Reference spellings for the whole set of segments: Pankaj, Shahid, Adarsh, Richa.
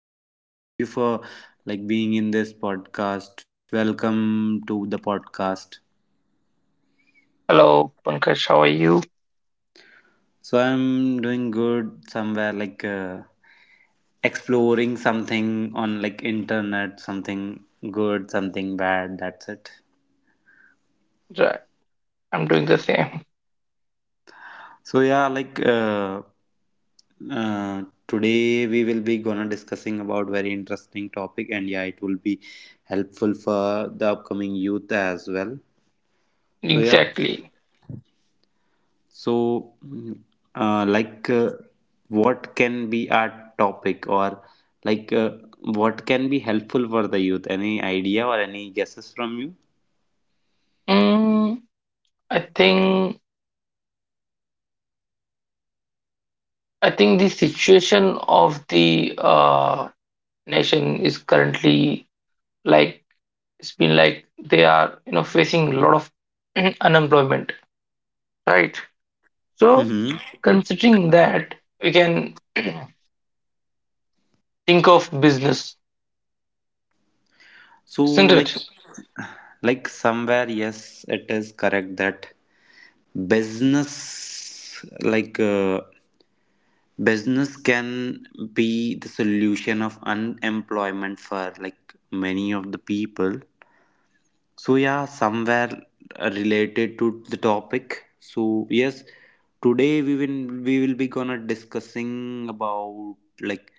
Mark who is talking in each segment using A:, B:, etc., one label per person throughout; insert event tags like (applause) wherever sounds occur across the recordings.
A: Thank you for like being in this podcast. Welcome to the podcast.
B: Hello, Pankaj, how are you?
A: So I'm doing good somewhere exploring something on like internet, something good, something bad. That's it.
B: Right, I'm doing the same.
A: So yeah, uh, today we will be gonna discussing about very interesting topic, and yeah, it will be helpful for the upcoming youth as well. So yeah.
B: Exactly.
A: So, uh, like, uh, what can be our topic, or like, uh, what can be helpful for the youth? Any idea or any guesses from you?
B: Mm, I think I think the situation of the nation is currently, like, it's been like they are facing a lot of (clears throat) unemployment, right? So
A: Mm-hmm.
B: considering that, we can (clears throat) think of business.
A: So,
B: Isn't it?
A: like, like somewhere, yes, it is correct that business, business can be the solution of unemployment for like many of the people. So yeah, somewhere related to the topic. So yes, today we will be gonna discussing about like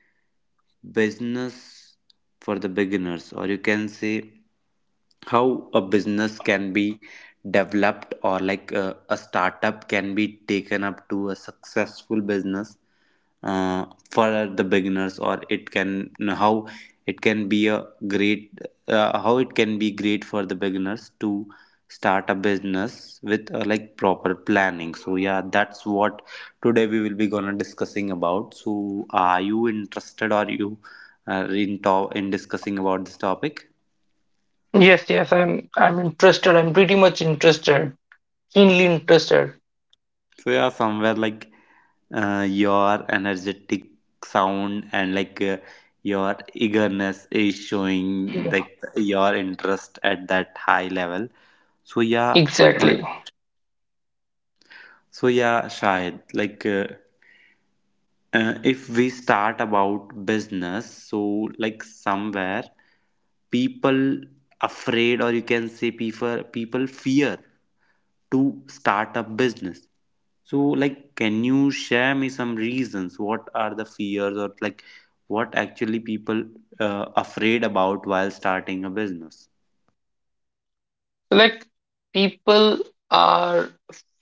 A: business for the beginners, or you can say how a business can be developed or a startup can be taken up to a successful business for the beginners, or it can how it can be a great how it can be great for the beginners to start a business with like proper planning. So yeah, that's what today we will be gonna discussing about. So are you interested, or you in discussing about this topic?
B: Yes, yes, I'm interested. I'm pretty much interested, keenly interested.
A: So yeah, somewhere like your energetic sound and your eagerness is showing
B: Yeah.
A: like your interest at that high level. So yeah, like,
B: Exactly.
A: so yeah shayad if we start about business, so like somewhere people afraid, or you can say people fear to start a business. So like, can you share me some reasons? What are the fears, or like what actually people afraid about while starting a business?
B: Like, people are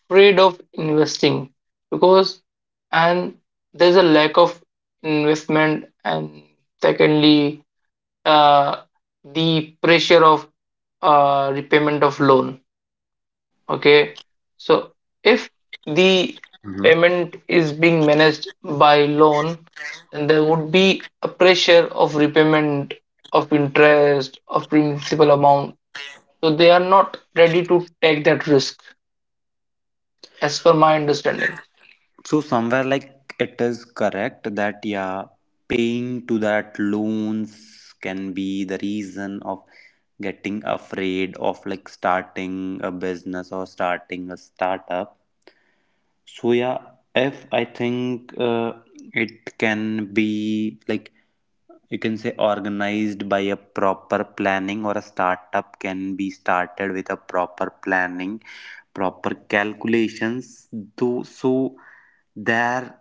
B: afraid of investing because, and there's a lack of investment, and secondly, uh, the pressure of repayment of loan. Okay, so if the payment is being managed by loan, then there would be a pressure of repayment, of interest, of principal amount. So they are not ready to take that risk, as per my understanding.
A: So somewhere like it is correct that yeah, paying to that loans can be the reason of getting afraid of like starting a business or starting a startup. So yeah, if I think it can be like you can say organized by a proper planning, or a startup can be started with a proper planning, proper calculations. Though so there,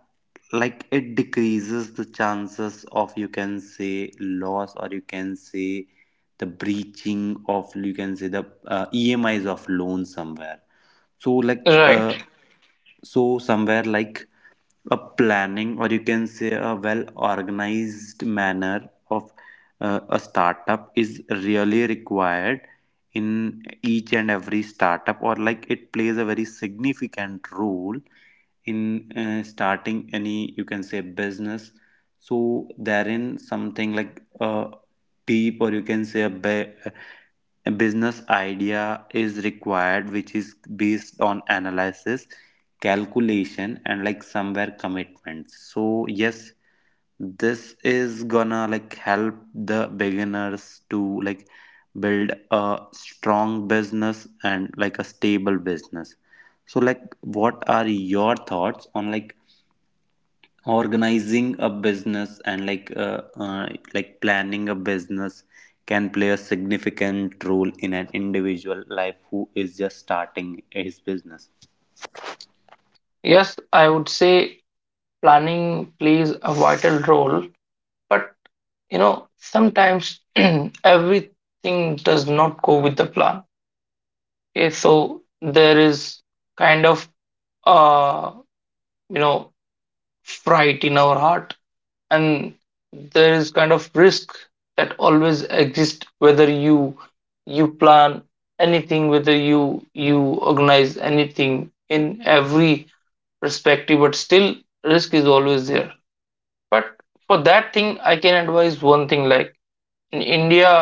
A: like it decreases the chances of you can say loss, or you can say the breaching of you can say the EMIs of loan somewhere. so like uh,
B: Right.
A: so somewhere like a planning, or you can say a well organized manner of a startup is really required in each and every startup, or like it plays a very significant role in starting any you can say business. So therein something like a deep, or you can say a business idea is required, which is based on analysis, calculation, and like somewhere commitments. So yes, this is gonna like help the beginners to like build a strong business and like a stable business. So like, what are your thoughts on like organizing a business and like planning a business can play a significant role in an individual life who is just starting his business?
B: Yes, I would say planning plays a vital role, but, sometimes (clears throat) everything does not go with the plan. Okay, so there is kind of uh, you know fright in our heart, and there is kind of risk that always exists, whether you plan anything, whether you organize anything in every perspective, but still risk is always there. But for that thing, I can advise one thing, like, in India,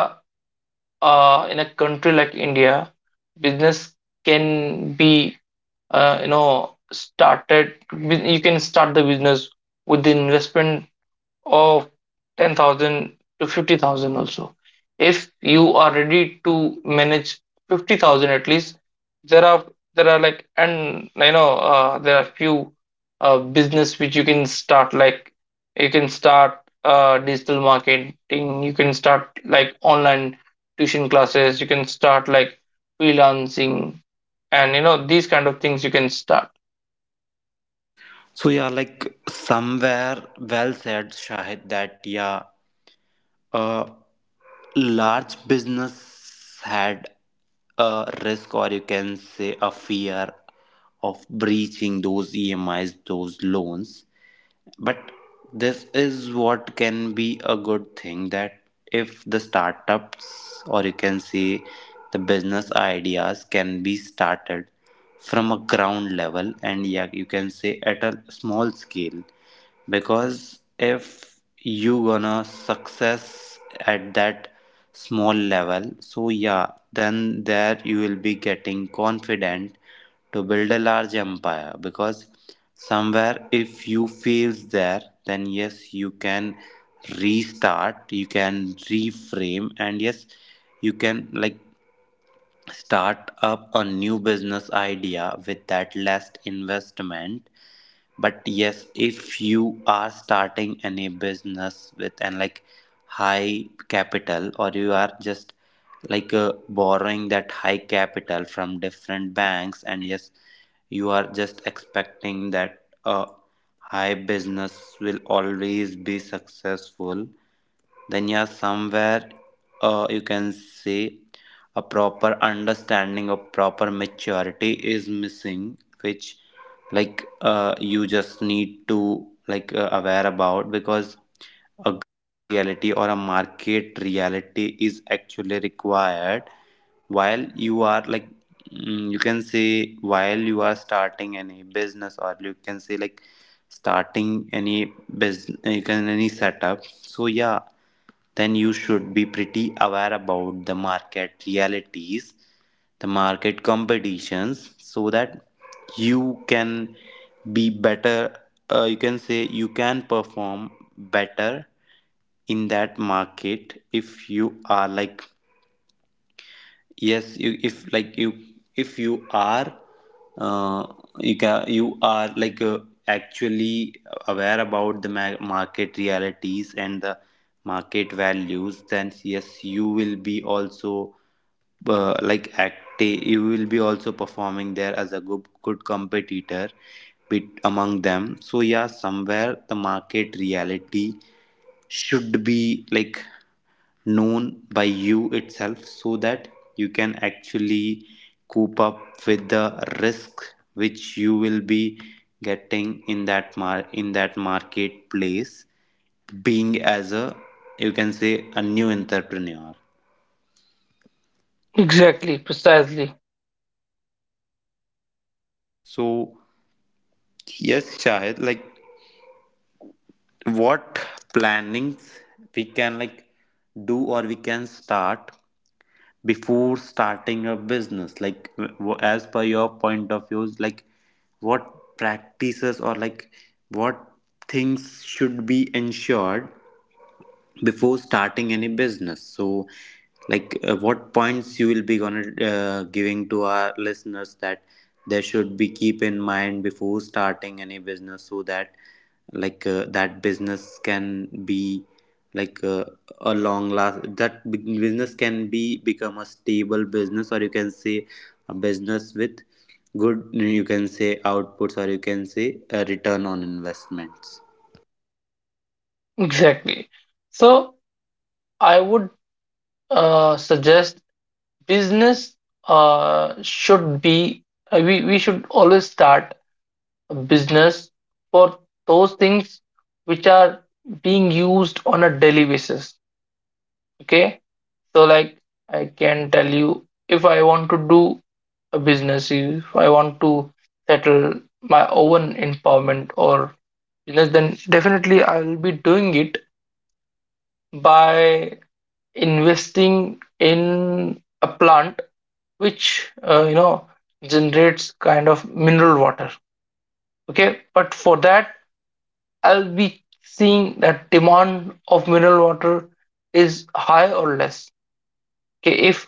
B: in a country like India, business can be you can start the business with the investment of 10,000 to 50,000 also. If you are ready to manage 50,000 at least, there are like, and there are few business which you can start, like you can start digital marketing, you can start like online tuition classes, you can start like freelancing, and these kind of things you can start.
A: So yeah, like somewhere well said, Shahid, that yeah, uh, large business had a risk, or you can say a fear of breaching those EMIs, those loans. But this is what can be a good thing, that if the startups, or you can say the business ideas, can be started from a ground level, and yeah, you can say at a small scale. Because if you gonna success at that small level, so yeah, then there you will be getting confident to build a large empire, because somewhere if you fails there, then yes you can restart, you can reframe, and yes you can like start up a new business idea with that last investment. But yes, if you are starting any business with and like high capital, or you are just borrowing that high capital from different banks, and yes, you are just expecting that a high business will always be successful, then yeah, somewhere you can say a proper understanding of proper maturity is missing, which you just need to aware about. Because a ground reality or a market reality is actually required while you are like you can say while you are starting any business, or you can say like starting any business you can any setup. So yeah, then you should be pretty aware about the market realities, the market competitions, so that you can be better. You can say you can perform better in that market if you are like yes you, if like you if you are uh, you can you are actually aware about the market realities and the market values, then yes you will be also like active, you will be also performing there as a good, good competitor bit among them. So yeah, somewhere the market reality should be like known by you itself, so that you can actually cope up with the risk which you will be getting in that in that marketplace, being as a you can say a new entrepreneur.
B: Exactly, precisely,
A: So yes Shahid, like, what plannings we can like do or we can start before starting a business, like as per your point of views, like what practices, or like what things should be ensured before starting any business? So what points you will be gonna giving to our listeners that they should be keep in mind before starting any business, so that that business can be like uh, a long last, that business can be become a stable business, or you can say a business with good you can say outputs, or you can say a return on investments?
B: exactly. So I would suggest business should be we should always start a business for those things which are being used on a daily basis, okay? So, like, I can tell you, if I want to do a business, if I want to settle my own empowerment or business, then definitely I will be doing it by investing in a plant which generates kind of mineral water. Okay, but for that, I'll be seeing that demand of mineral water is high or less. Okay, if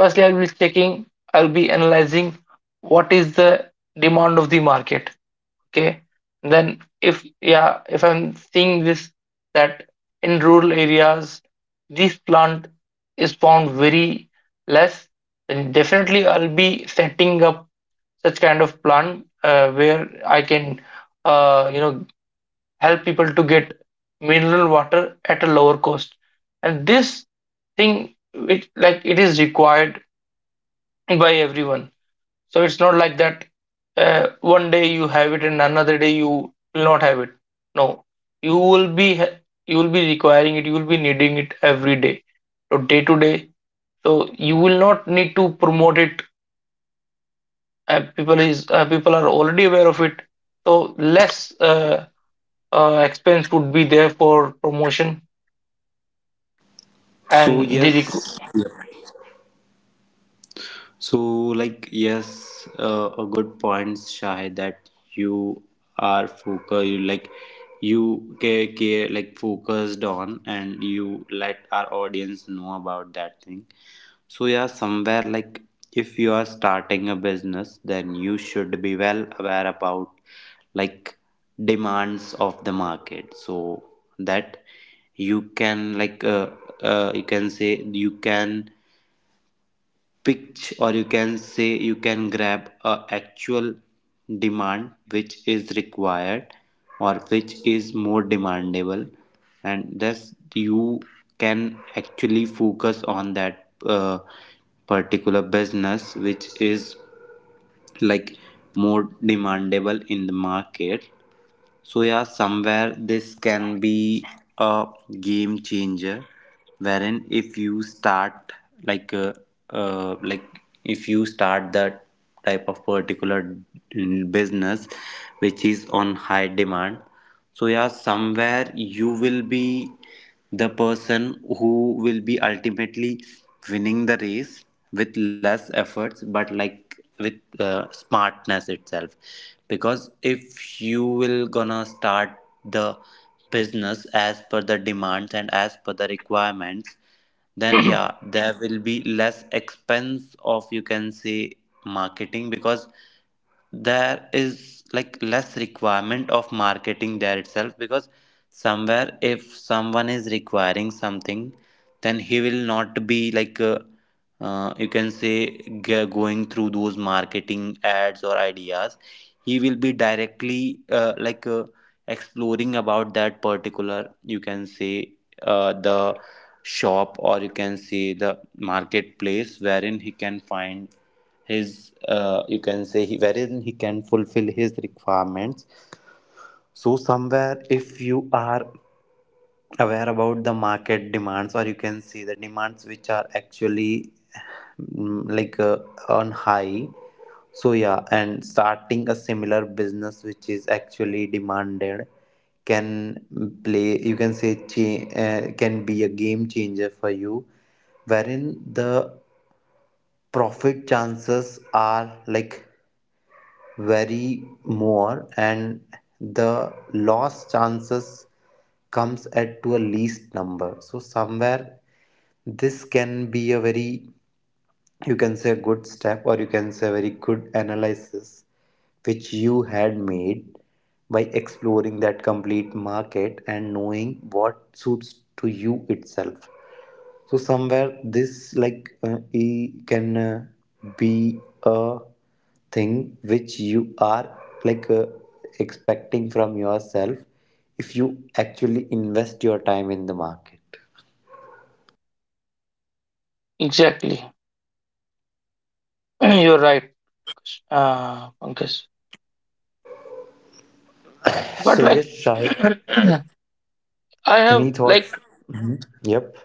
B: firstly I'll be checking, I'll be analyzing what is the demand of the market. Okay, then, if, yeah, if I'm seeing this, that in rural areas this plant is found very less, then definitely I'll be setting up such kind of plant, where I can uh, you know help people to get mineral water at a lower cost. And this thing, it, like, it is required by everyone. So it's not like that, one day you have it and another day you will not have it. No, you will be ha- you will be requiring it. You will be needing it every day, so day to day. So you will not need to promote it. People are already aware of it. So less expense would be there for promotion,
A: So
B: and
A: yes. So, like, yes, a good point, Shahid, that you are focused, you like, you care, care, like, focused on, and you let our audience know about that thing. So yeah, somewhere like, if you are starting a business, then you should be well aware about like demands of the market, so that you can you can say you can pitch, or you can say you can grab a actual demand which is required, or which is more demandable, and thus you can actually focus on that particular business which is like more demandable in the market. So yeah, somewhere this can be a game changer, wherein if you start like uh, like if you start that type of particular business which is on high demand, so yeah, somewhere you will be the person who will be ultimately winning the race with less efforts but like with smartness itself. Because if you will gonna start the business as per the demands and as per the requirements, then yeah there will be less expense of you can say marketing, because there is like less requirement of marketing there itself. Because somewhere if someone is requiring something, then he will not be you can say going through those marketing ads or ideas, he will be directly exploring about that particular you can say the shop, or you can say the marketplace wherein he can find his you can say he wherein he can fulfill his requirements. So somewhere if you are aware about the market demands, or you can see the demands which are actually mm, like uh, on high, so yeah, and starting a similar business which is actually demanded can play you can say can be a game changer for you, wherein the profit chances are like vary more and the loss chances comes at to a least number. So somewhere this can be a very you can say good step, or you can say very good analysis which you had made by exploring that complete market and knowing what suits to you itself. So somewhere this like e can be a thing which you are like uh, expecting from yourself if you actually invest your time in the market.
B: exactly. (clears throat) You're right, Pankaj. But,
A: So yes,
B: like, (clears throat)
A: Shahid,
B: I have
A: any
B: like
A: thoughts? Mhm. Yep.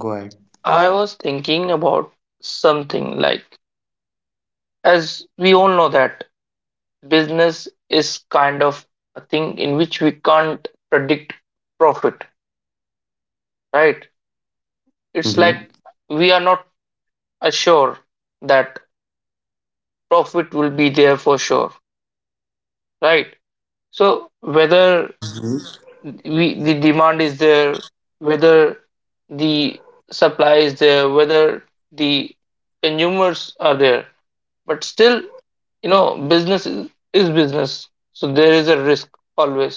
A: Go ahead.
B: I was thinking about something, like, as we all know that business is kind of a thing in which we can't predict profit, right? It's
A: Mm-hmm.
B: like we are not assured that profit will be there for sure, right? So whether
A: Mm-hmm.
B: we the demand is there, whether the supply is there, whether the consumers are there, but still business is business, so there is a risk always.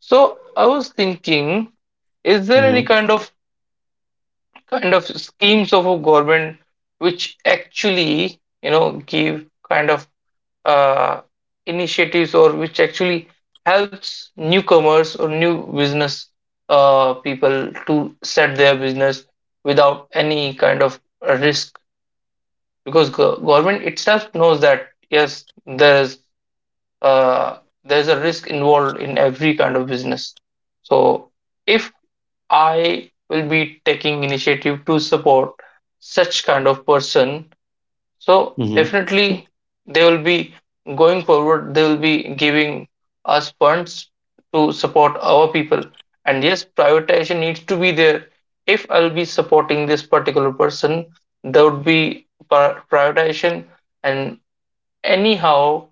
B: So I was thinking, is there any kind of schemes of a government, which actually give kind of uh, initiatives, or which actually helps newcomers or new business people to set their business without any kind of risk, because government itself knows that yes, uh, there's a risk involved in every kind of business. So if I will be taking initiative to support such kind of person, so
A: Mm-hmm.
B: definitely they will be going forward, they will be giving us funds to support our people. And yes, prioritization needs to be there. If I'll be supporting this particular person, there would be prioritization, and anyhow,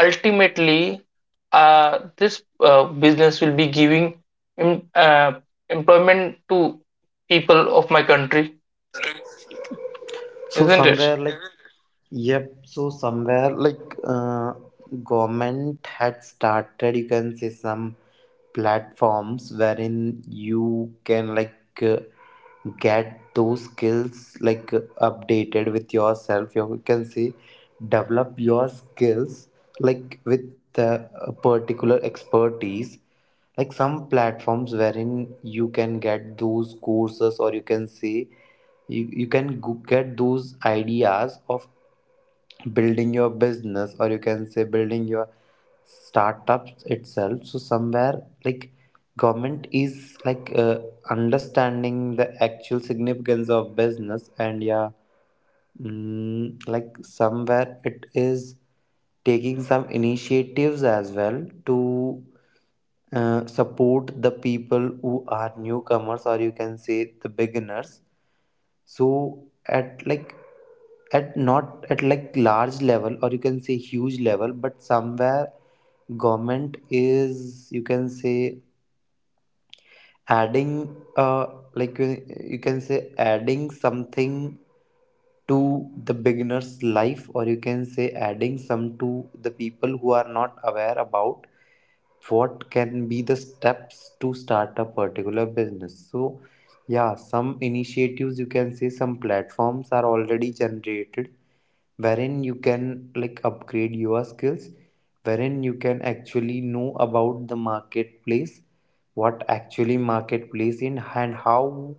B: ultimately, this business will be giving em- uh, employment to people of my country,
A: So
B: isn't it?
A: somewhere like, yep, so somewhere government had started, you can say some platforms wherein you can uh, get those skills updated with yourself. You can say develop your skills like with the particular expertise like some platforms wherein you can get those courses or you can say you can get those ideas of building your business or you can say building your startups itself. So somewhere like government is like understanding the actual significance of business and yeah. Mm, like somewhere it is taking some initiatives as well to support the people who are newcomers or you can say the beginners. So at like at not at like large level or you can say huge level, but somewhere government is, you can say, adding like you can say adding something to the beginner's life, or you can say adding some to the people who are not aware about what can be the steps to start a particular business. So yeah, some initiatives, you can say, some platforms are already generated wherein you can like upgrade your skills, wherein you can actually know about the marketplace, what actually marketplace in and how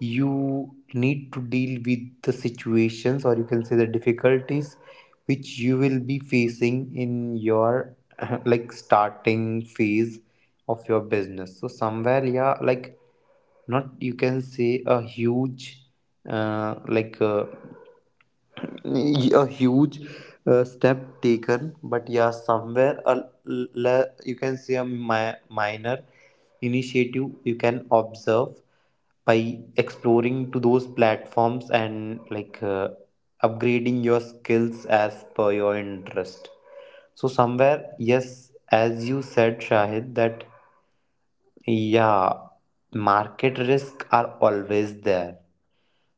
A: you need to deal with the situations or you can say the difficulties which you will be facing in your (laughs) like starting phase of your business. So somewhere yeah, like not you can say a huge uh, like uh, a huge step taken, but yeah somewhere a, l- le- you can say a mi- minor initiative you can observe by exploring to those platforms and like upgrading your skills as per your interest. So somewhere yes, as you said Shahid, that yeah, market risk are always there.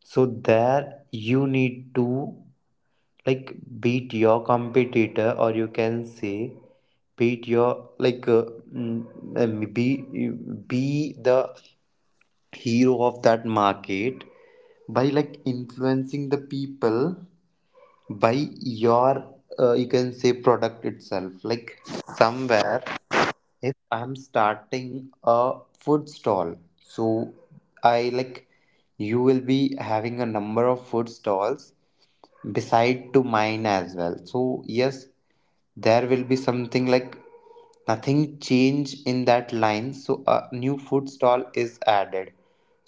A: So there you need to like beat your competitor or you can say beat your like mm, mm, be be the hero of that market by like influencing the people by your you can say product itself. Like somewhere if I'm starting a food stall, so I like you will be having a number of food stalls beside to mine as well. So yes, there will be something like nothing change in that line, so a new food stall is added.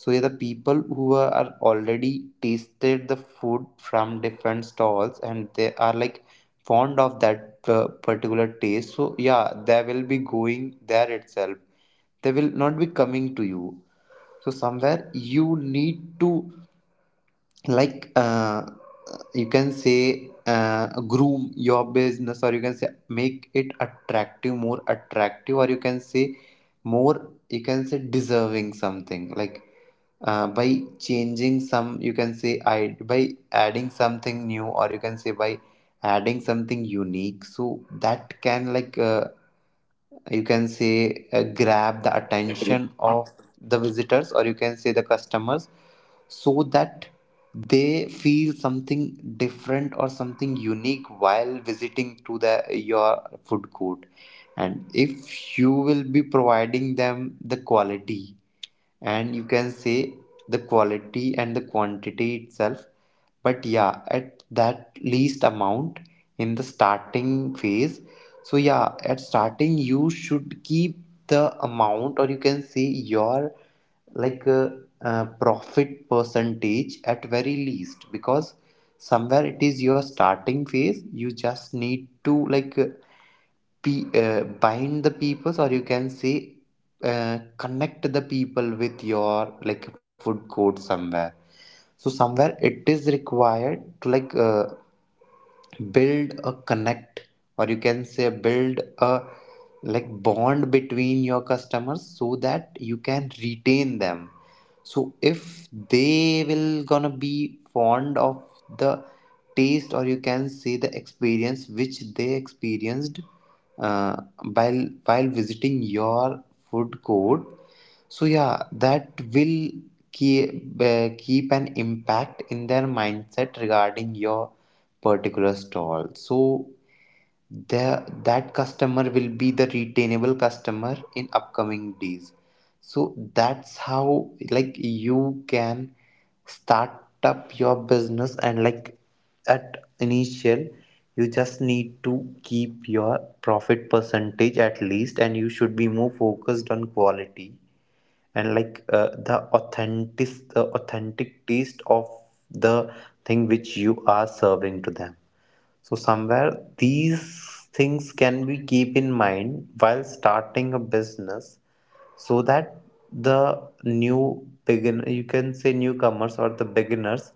A: So yeah, the people who are already tasted the food from different stalls and they are like fond of that particular taste, so yeah they will be going there itself, they will not be coming to you. So somewhere you need to like you can say groom your business or you can say make it attractive, more attractive, or you can say more you can say deserving something like by changing some you can say I by adding something new or you can say by adding something unique, so that can like you can say grab the attention of the visitors or you can say the customers, so that they feel something different or something unique while visiting to the your food court. And if you will be providing them the quality and you can say the quality and the quantity itself, but yeah at that least amount in the starting phase. So yeah, at starting you should keep the amount or you can say your like profit percentage at very least, because somewhere it is your starting phase you just need to like bind the peoples or you can say connect the people with your like food court somewhere. So somewhere it is required to like build a connect or you can say build a like bond between your customers so that you can retain them. So if they will gonna be fond of the taste or you can say the experience which they experienced, uh, while visiting your food court, so yeah that will keep an impact in their mindset regarding your particular stall. So the that customer will be the retainable customer in upcoming days. So that's how like you can start up your business, and like at initial you just need to keep your profit percentage at least and you should be more focused on quality and like the authentic taste of the thing which you are serving to them. So somewhere these things can be keep in mind while starting a business, so that the new beginner, you can say newcomers or the beginners,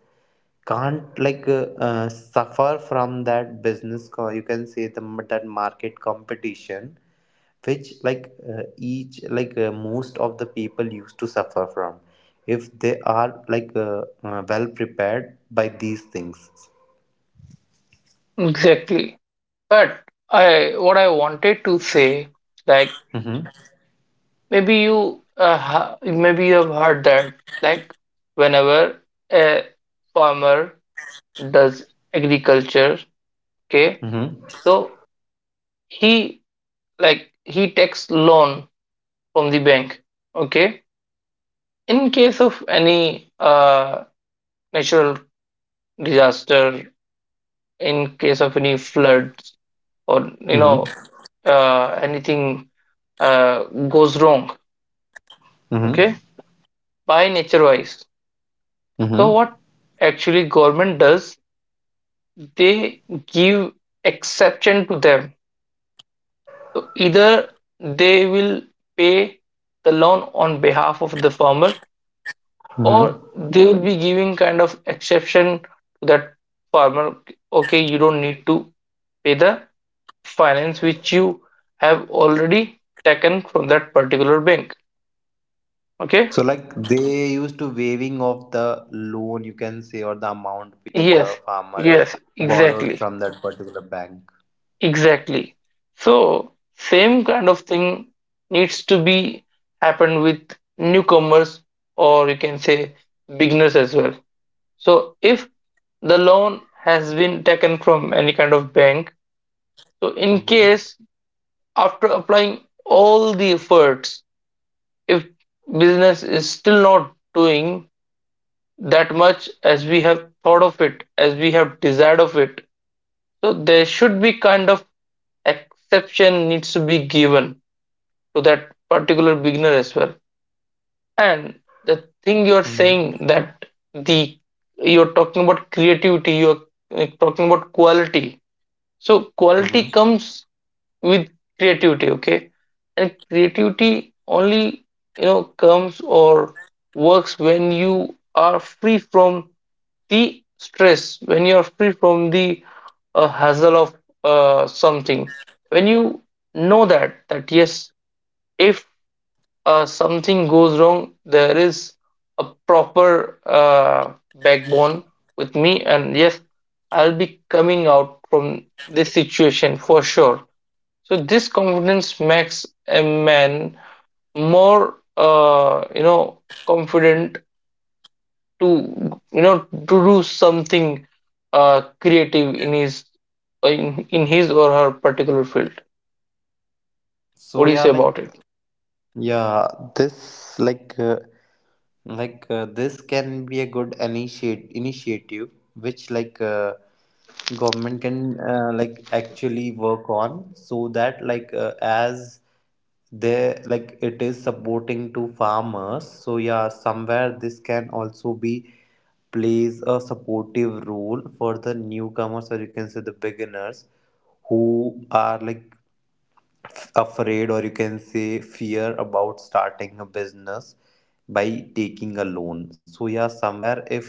A: can't like suffer from that business co- you can say the that market competition which like each like most of the people used to suffer from, if they are like well prepared by these things.
B: Exactly. But I what I wanted to say, like,
A: Mm-hmm.
B: maybe you have heard that, like, whenever a farmer does agriculture, okay,
A: Mm-hmm.
B: so he like he takes loan from the bank, okay, in case of any natural disaster, in case of any floods, or
A: Mm-hmm.
B: anything uh, goes wrong, okay,
A: Mm-hmm.
B: by nature wise. So
A: Mm-hmm.
B: what actually government does, they give exception to them, either they will pay the loan on behalf of the farmer, or
A: Mm-hmm.
B: they will be giving kind of exception to that farmer, okay, you don't need to pay the finance which you have already taken from that particular bank, okay?
A: So like they used to waiving of the loan, you can say, or the amount which
B: Yes,
A: the farmer
B: yes.
A: borrowed
B: Exactly,
A: from that particular bank.
B: exactly. So same kind of thing needs to be happened with newcomers, or you can say beginners as well. So if the loan has been taken from any kind of bank, so in
A: Mm-hmm.
B: case, after applying all the efforts, if business is still not doing that much as we have thought of it, as we have desired of it. So there should be kind of exception needs to be given to that particular beginner as well. And the thing you're
A: Mm-hmm.
B: saying, that the you're talking about creativity, you're talking about quality. So quality
A: Mm-hmm.
B: comes with creativity, okay? And creativity only comes or works when you are free from the stress, when you're free from the hassle of something, when you know that yes, if something goes wrong, there is a proper backbone with me, and yes, I'll be coming out from this situation for sure. So this confidence makes a man more confident to to do something creative in his in his or her particular field. What do
A: So
B: you say
A: yeah,
B: about it?
A: like yeah, this like this can be a good initiate initiative which like government can like actually work on, so that like as they like it is supporting to farmers, so yeah somewhere this can also be plays a supportive role for the newcomers or you can say the beginners who are like afraid or you can say fear about starting a business by taking a loan. So yeah somewhere if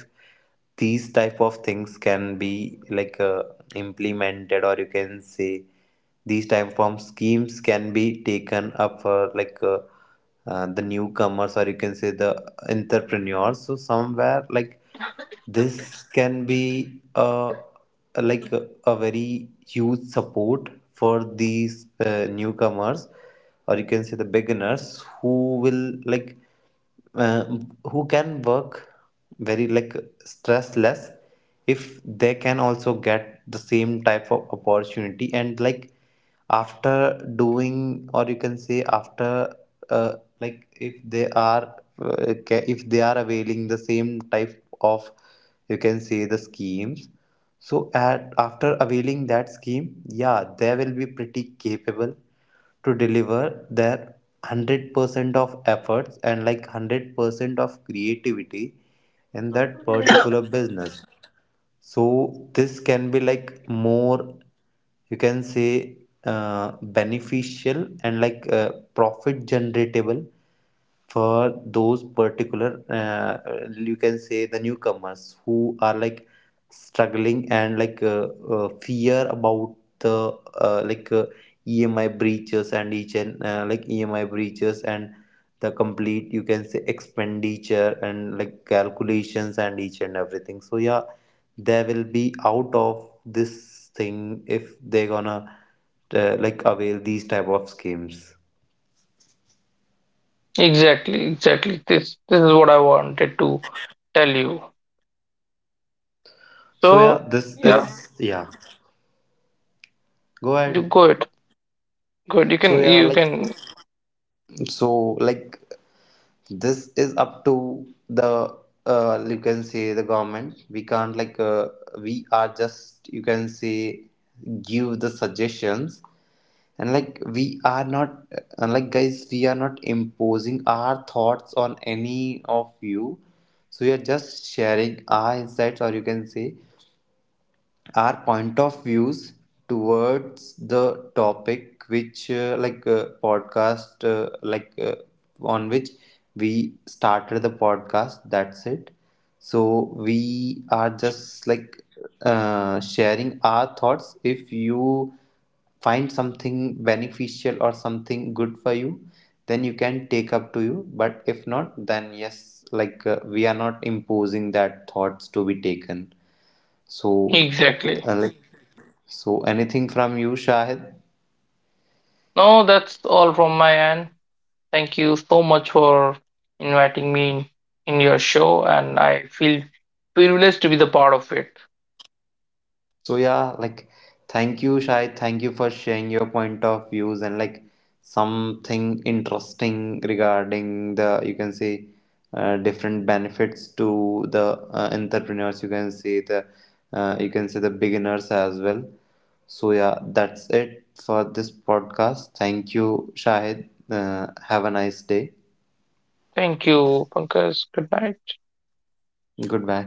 A: these type of things can be like implemented or you can say these type of schemes can be taken up for like the newcomers or you can say the entrepreneurs, so somewhere like this can be a like a very huge support for these newcomers, or you can say the beginners who will like uh, who can work very like stress less if they can also get the same type of opportunity. And like after doing or you can say after uh, like if they are if they are availing the same type of you can say the schemes, so at after availing that scheme, yeah, they will be pretty capable to deliver their 100% of efforts and like 100% of creativity in that particular
B: (coughs)
A: business. So this can be like more, you can say, beneficial and like profit generatable for those particular you can say the newcomers who are like struggling and like fear about the uh, like uh, EMI breaches and each and like EMI breaches and the complete you can say expenditure and like calculations and each and everything. So yeah, they will be out of this thing if they're gonna like avail these type of schemes.
B: Exactly, exactly. This is what I wanted to tell you.
A: So yeah,
B: So
A: this
B: yeah,
A: is yeah. Go
B: you
A: ahead.
B: go it. Good.
A: So yeah,
B: You
A: like
B: can
A: so like this is up to the you can say the government. We can't like we are just you can say give the suggestions, and like we are not like guys we are not imposing our thoughts on any of you. So we are just sharing our insights or you can say our point of views towards the topic which podcast on which we started the podcast, that's it. So we are just like sharing our thoughts. If you find something beneficial or something good for you, then you can take up to you, but if not then yes like we are not imposing that thoughts to be taken. So,
B: exactly.
A: like, so anything from you, Shahid?
B: No, that's all from my end. Thank you so much for inviting me in your show, and I feel privileged to be the part of it.
A: So yeah, like, thank you, Shahid. Thank you for sharing your point of views and like something interesting regarding the you can say different benefits to the entrepreneurs. You can say the you can say the beginners as well. So yeah, that's it for this podcast. Thank you, Shahid. Have a nice day.
B: Thank you, Pankaj. Good night.
A: Goodbye.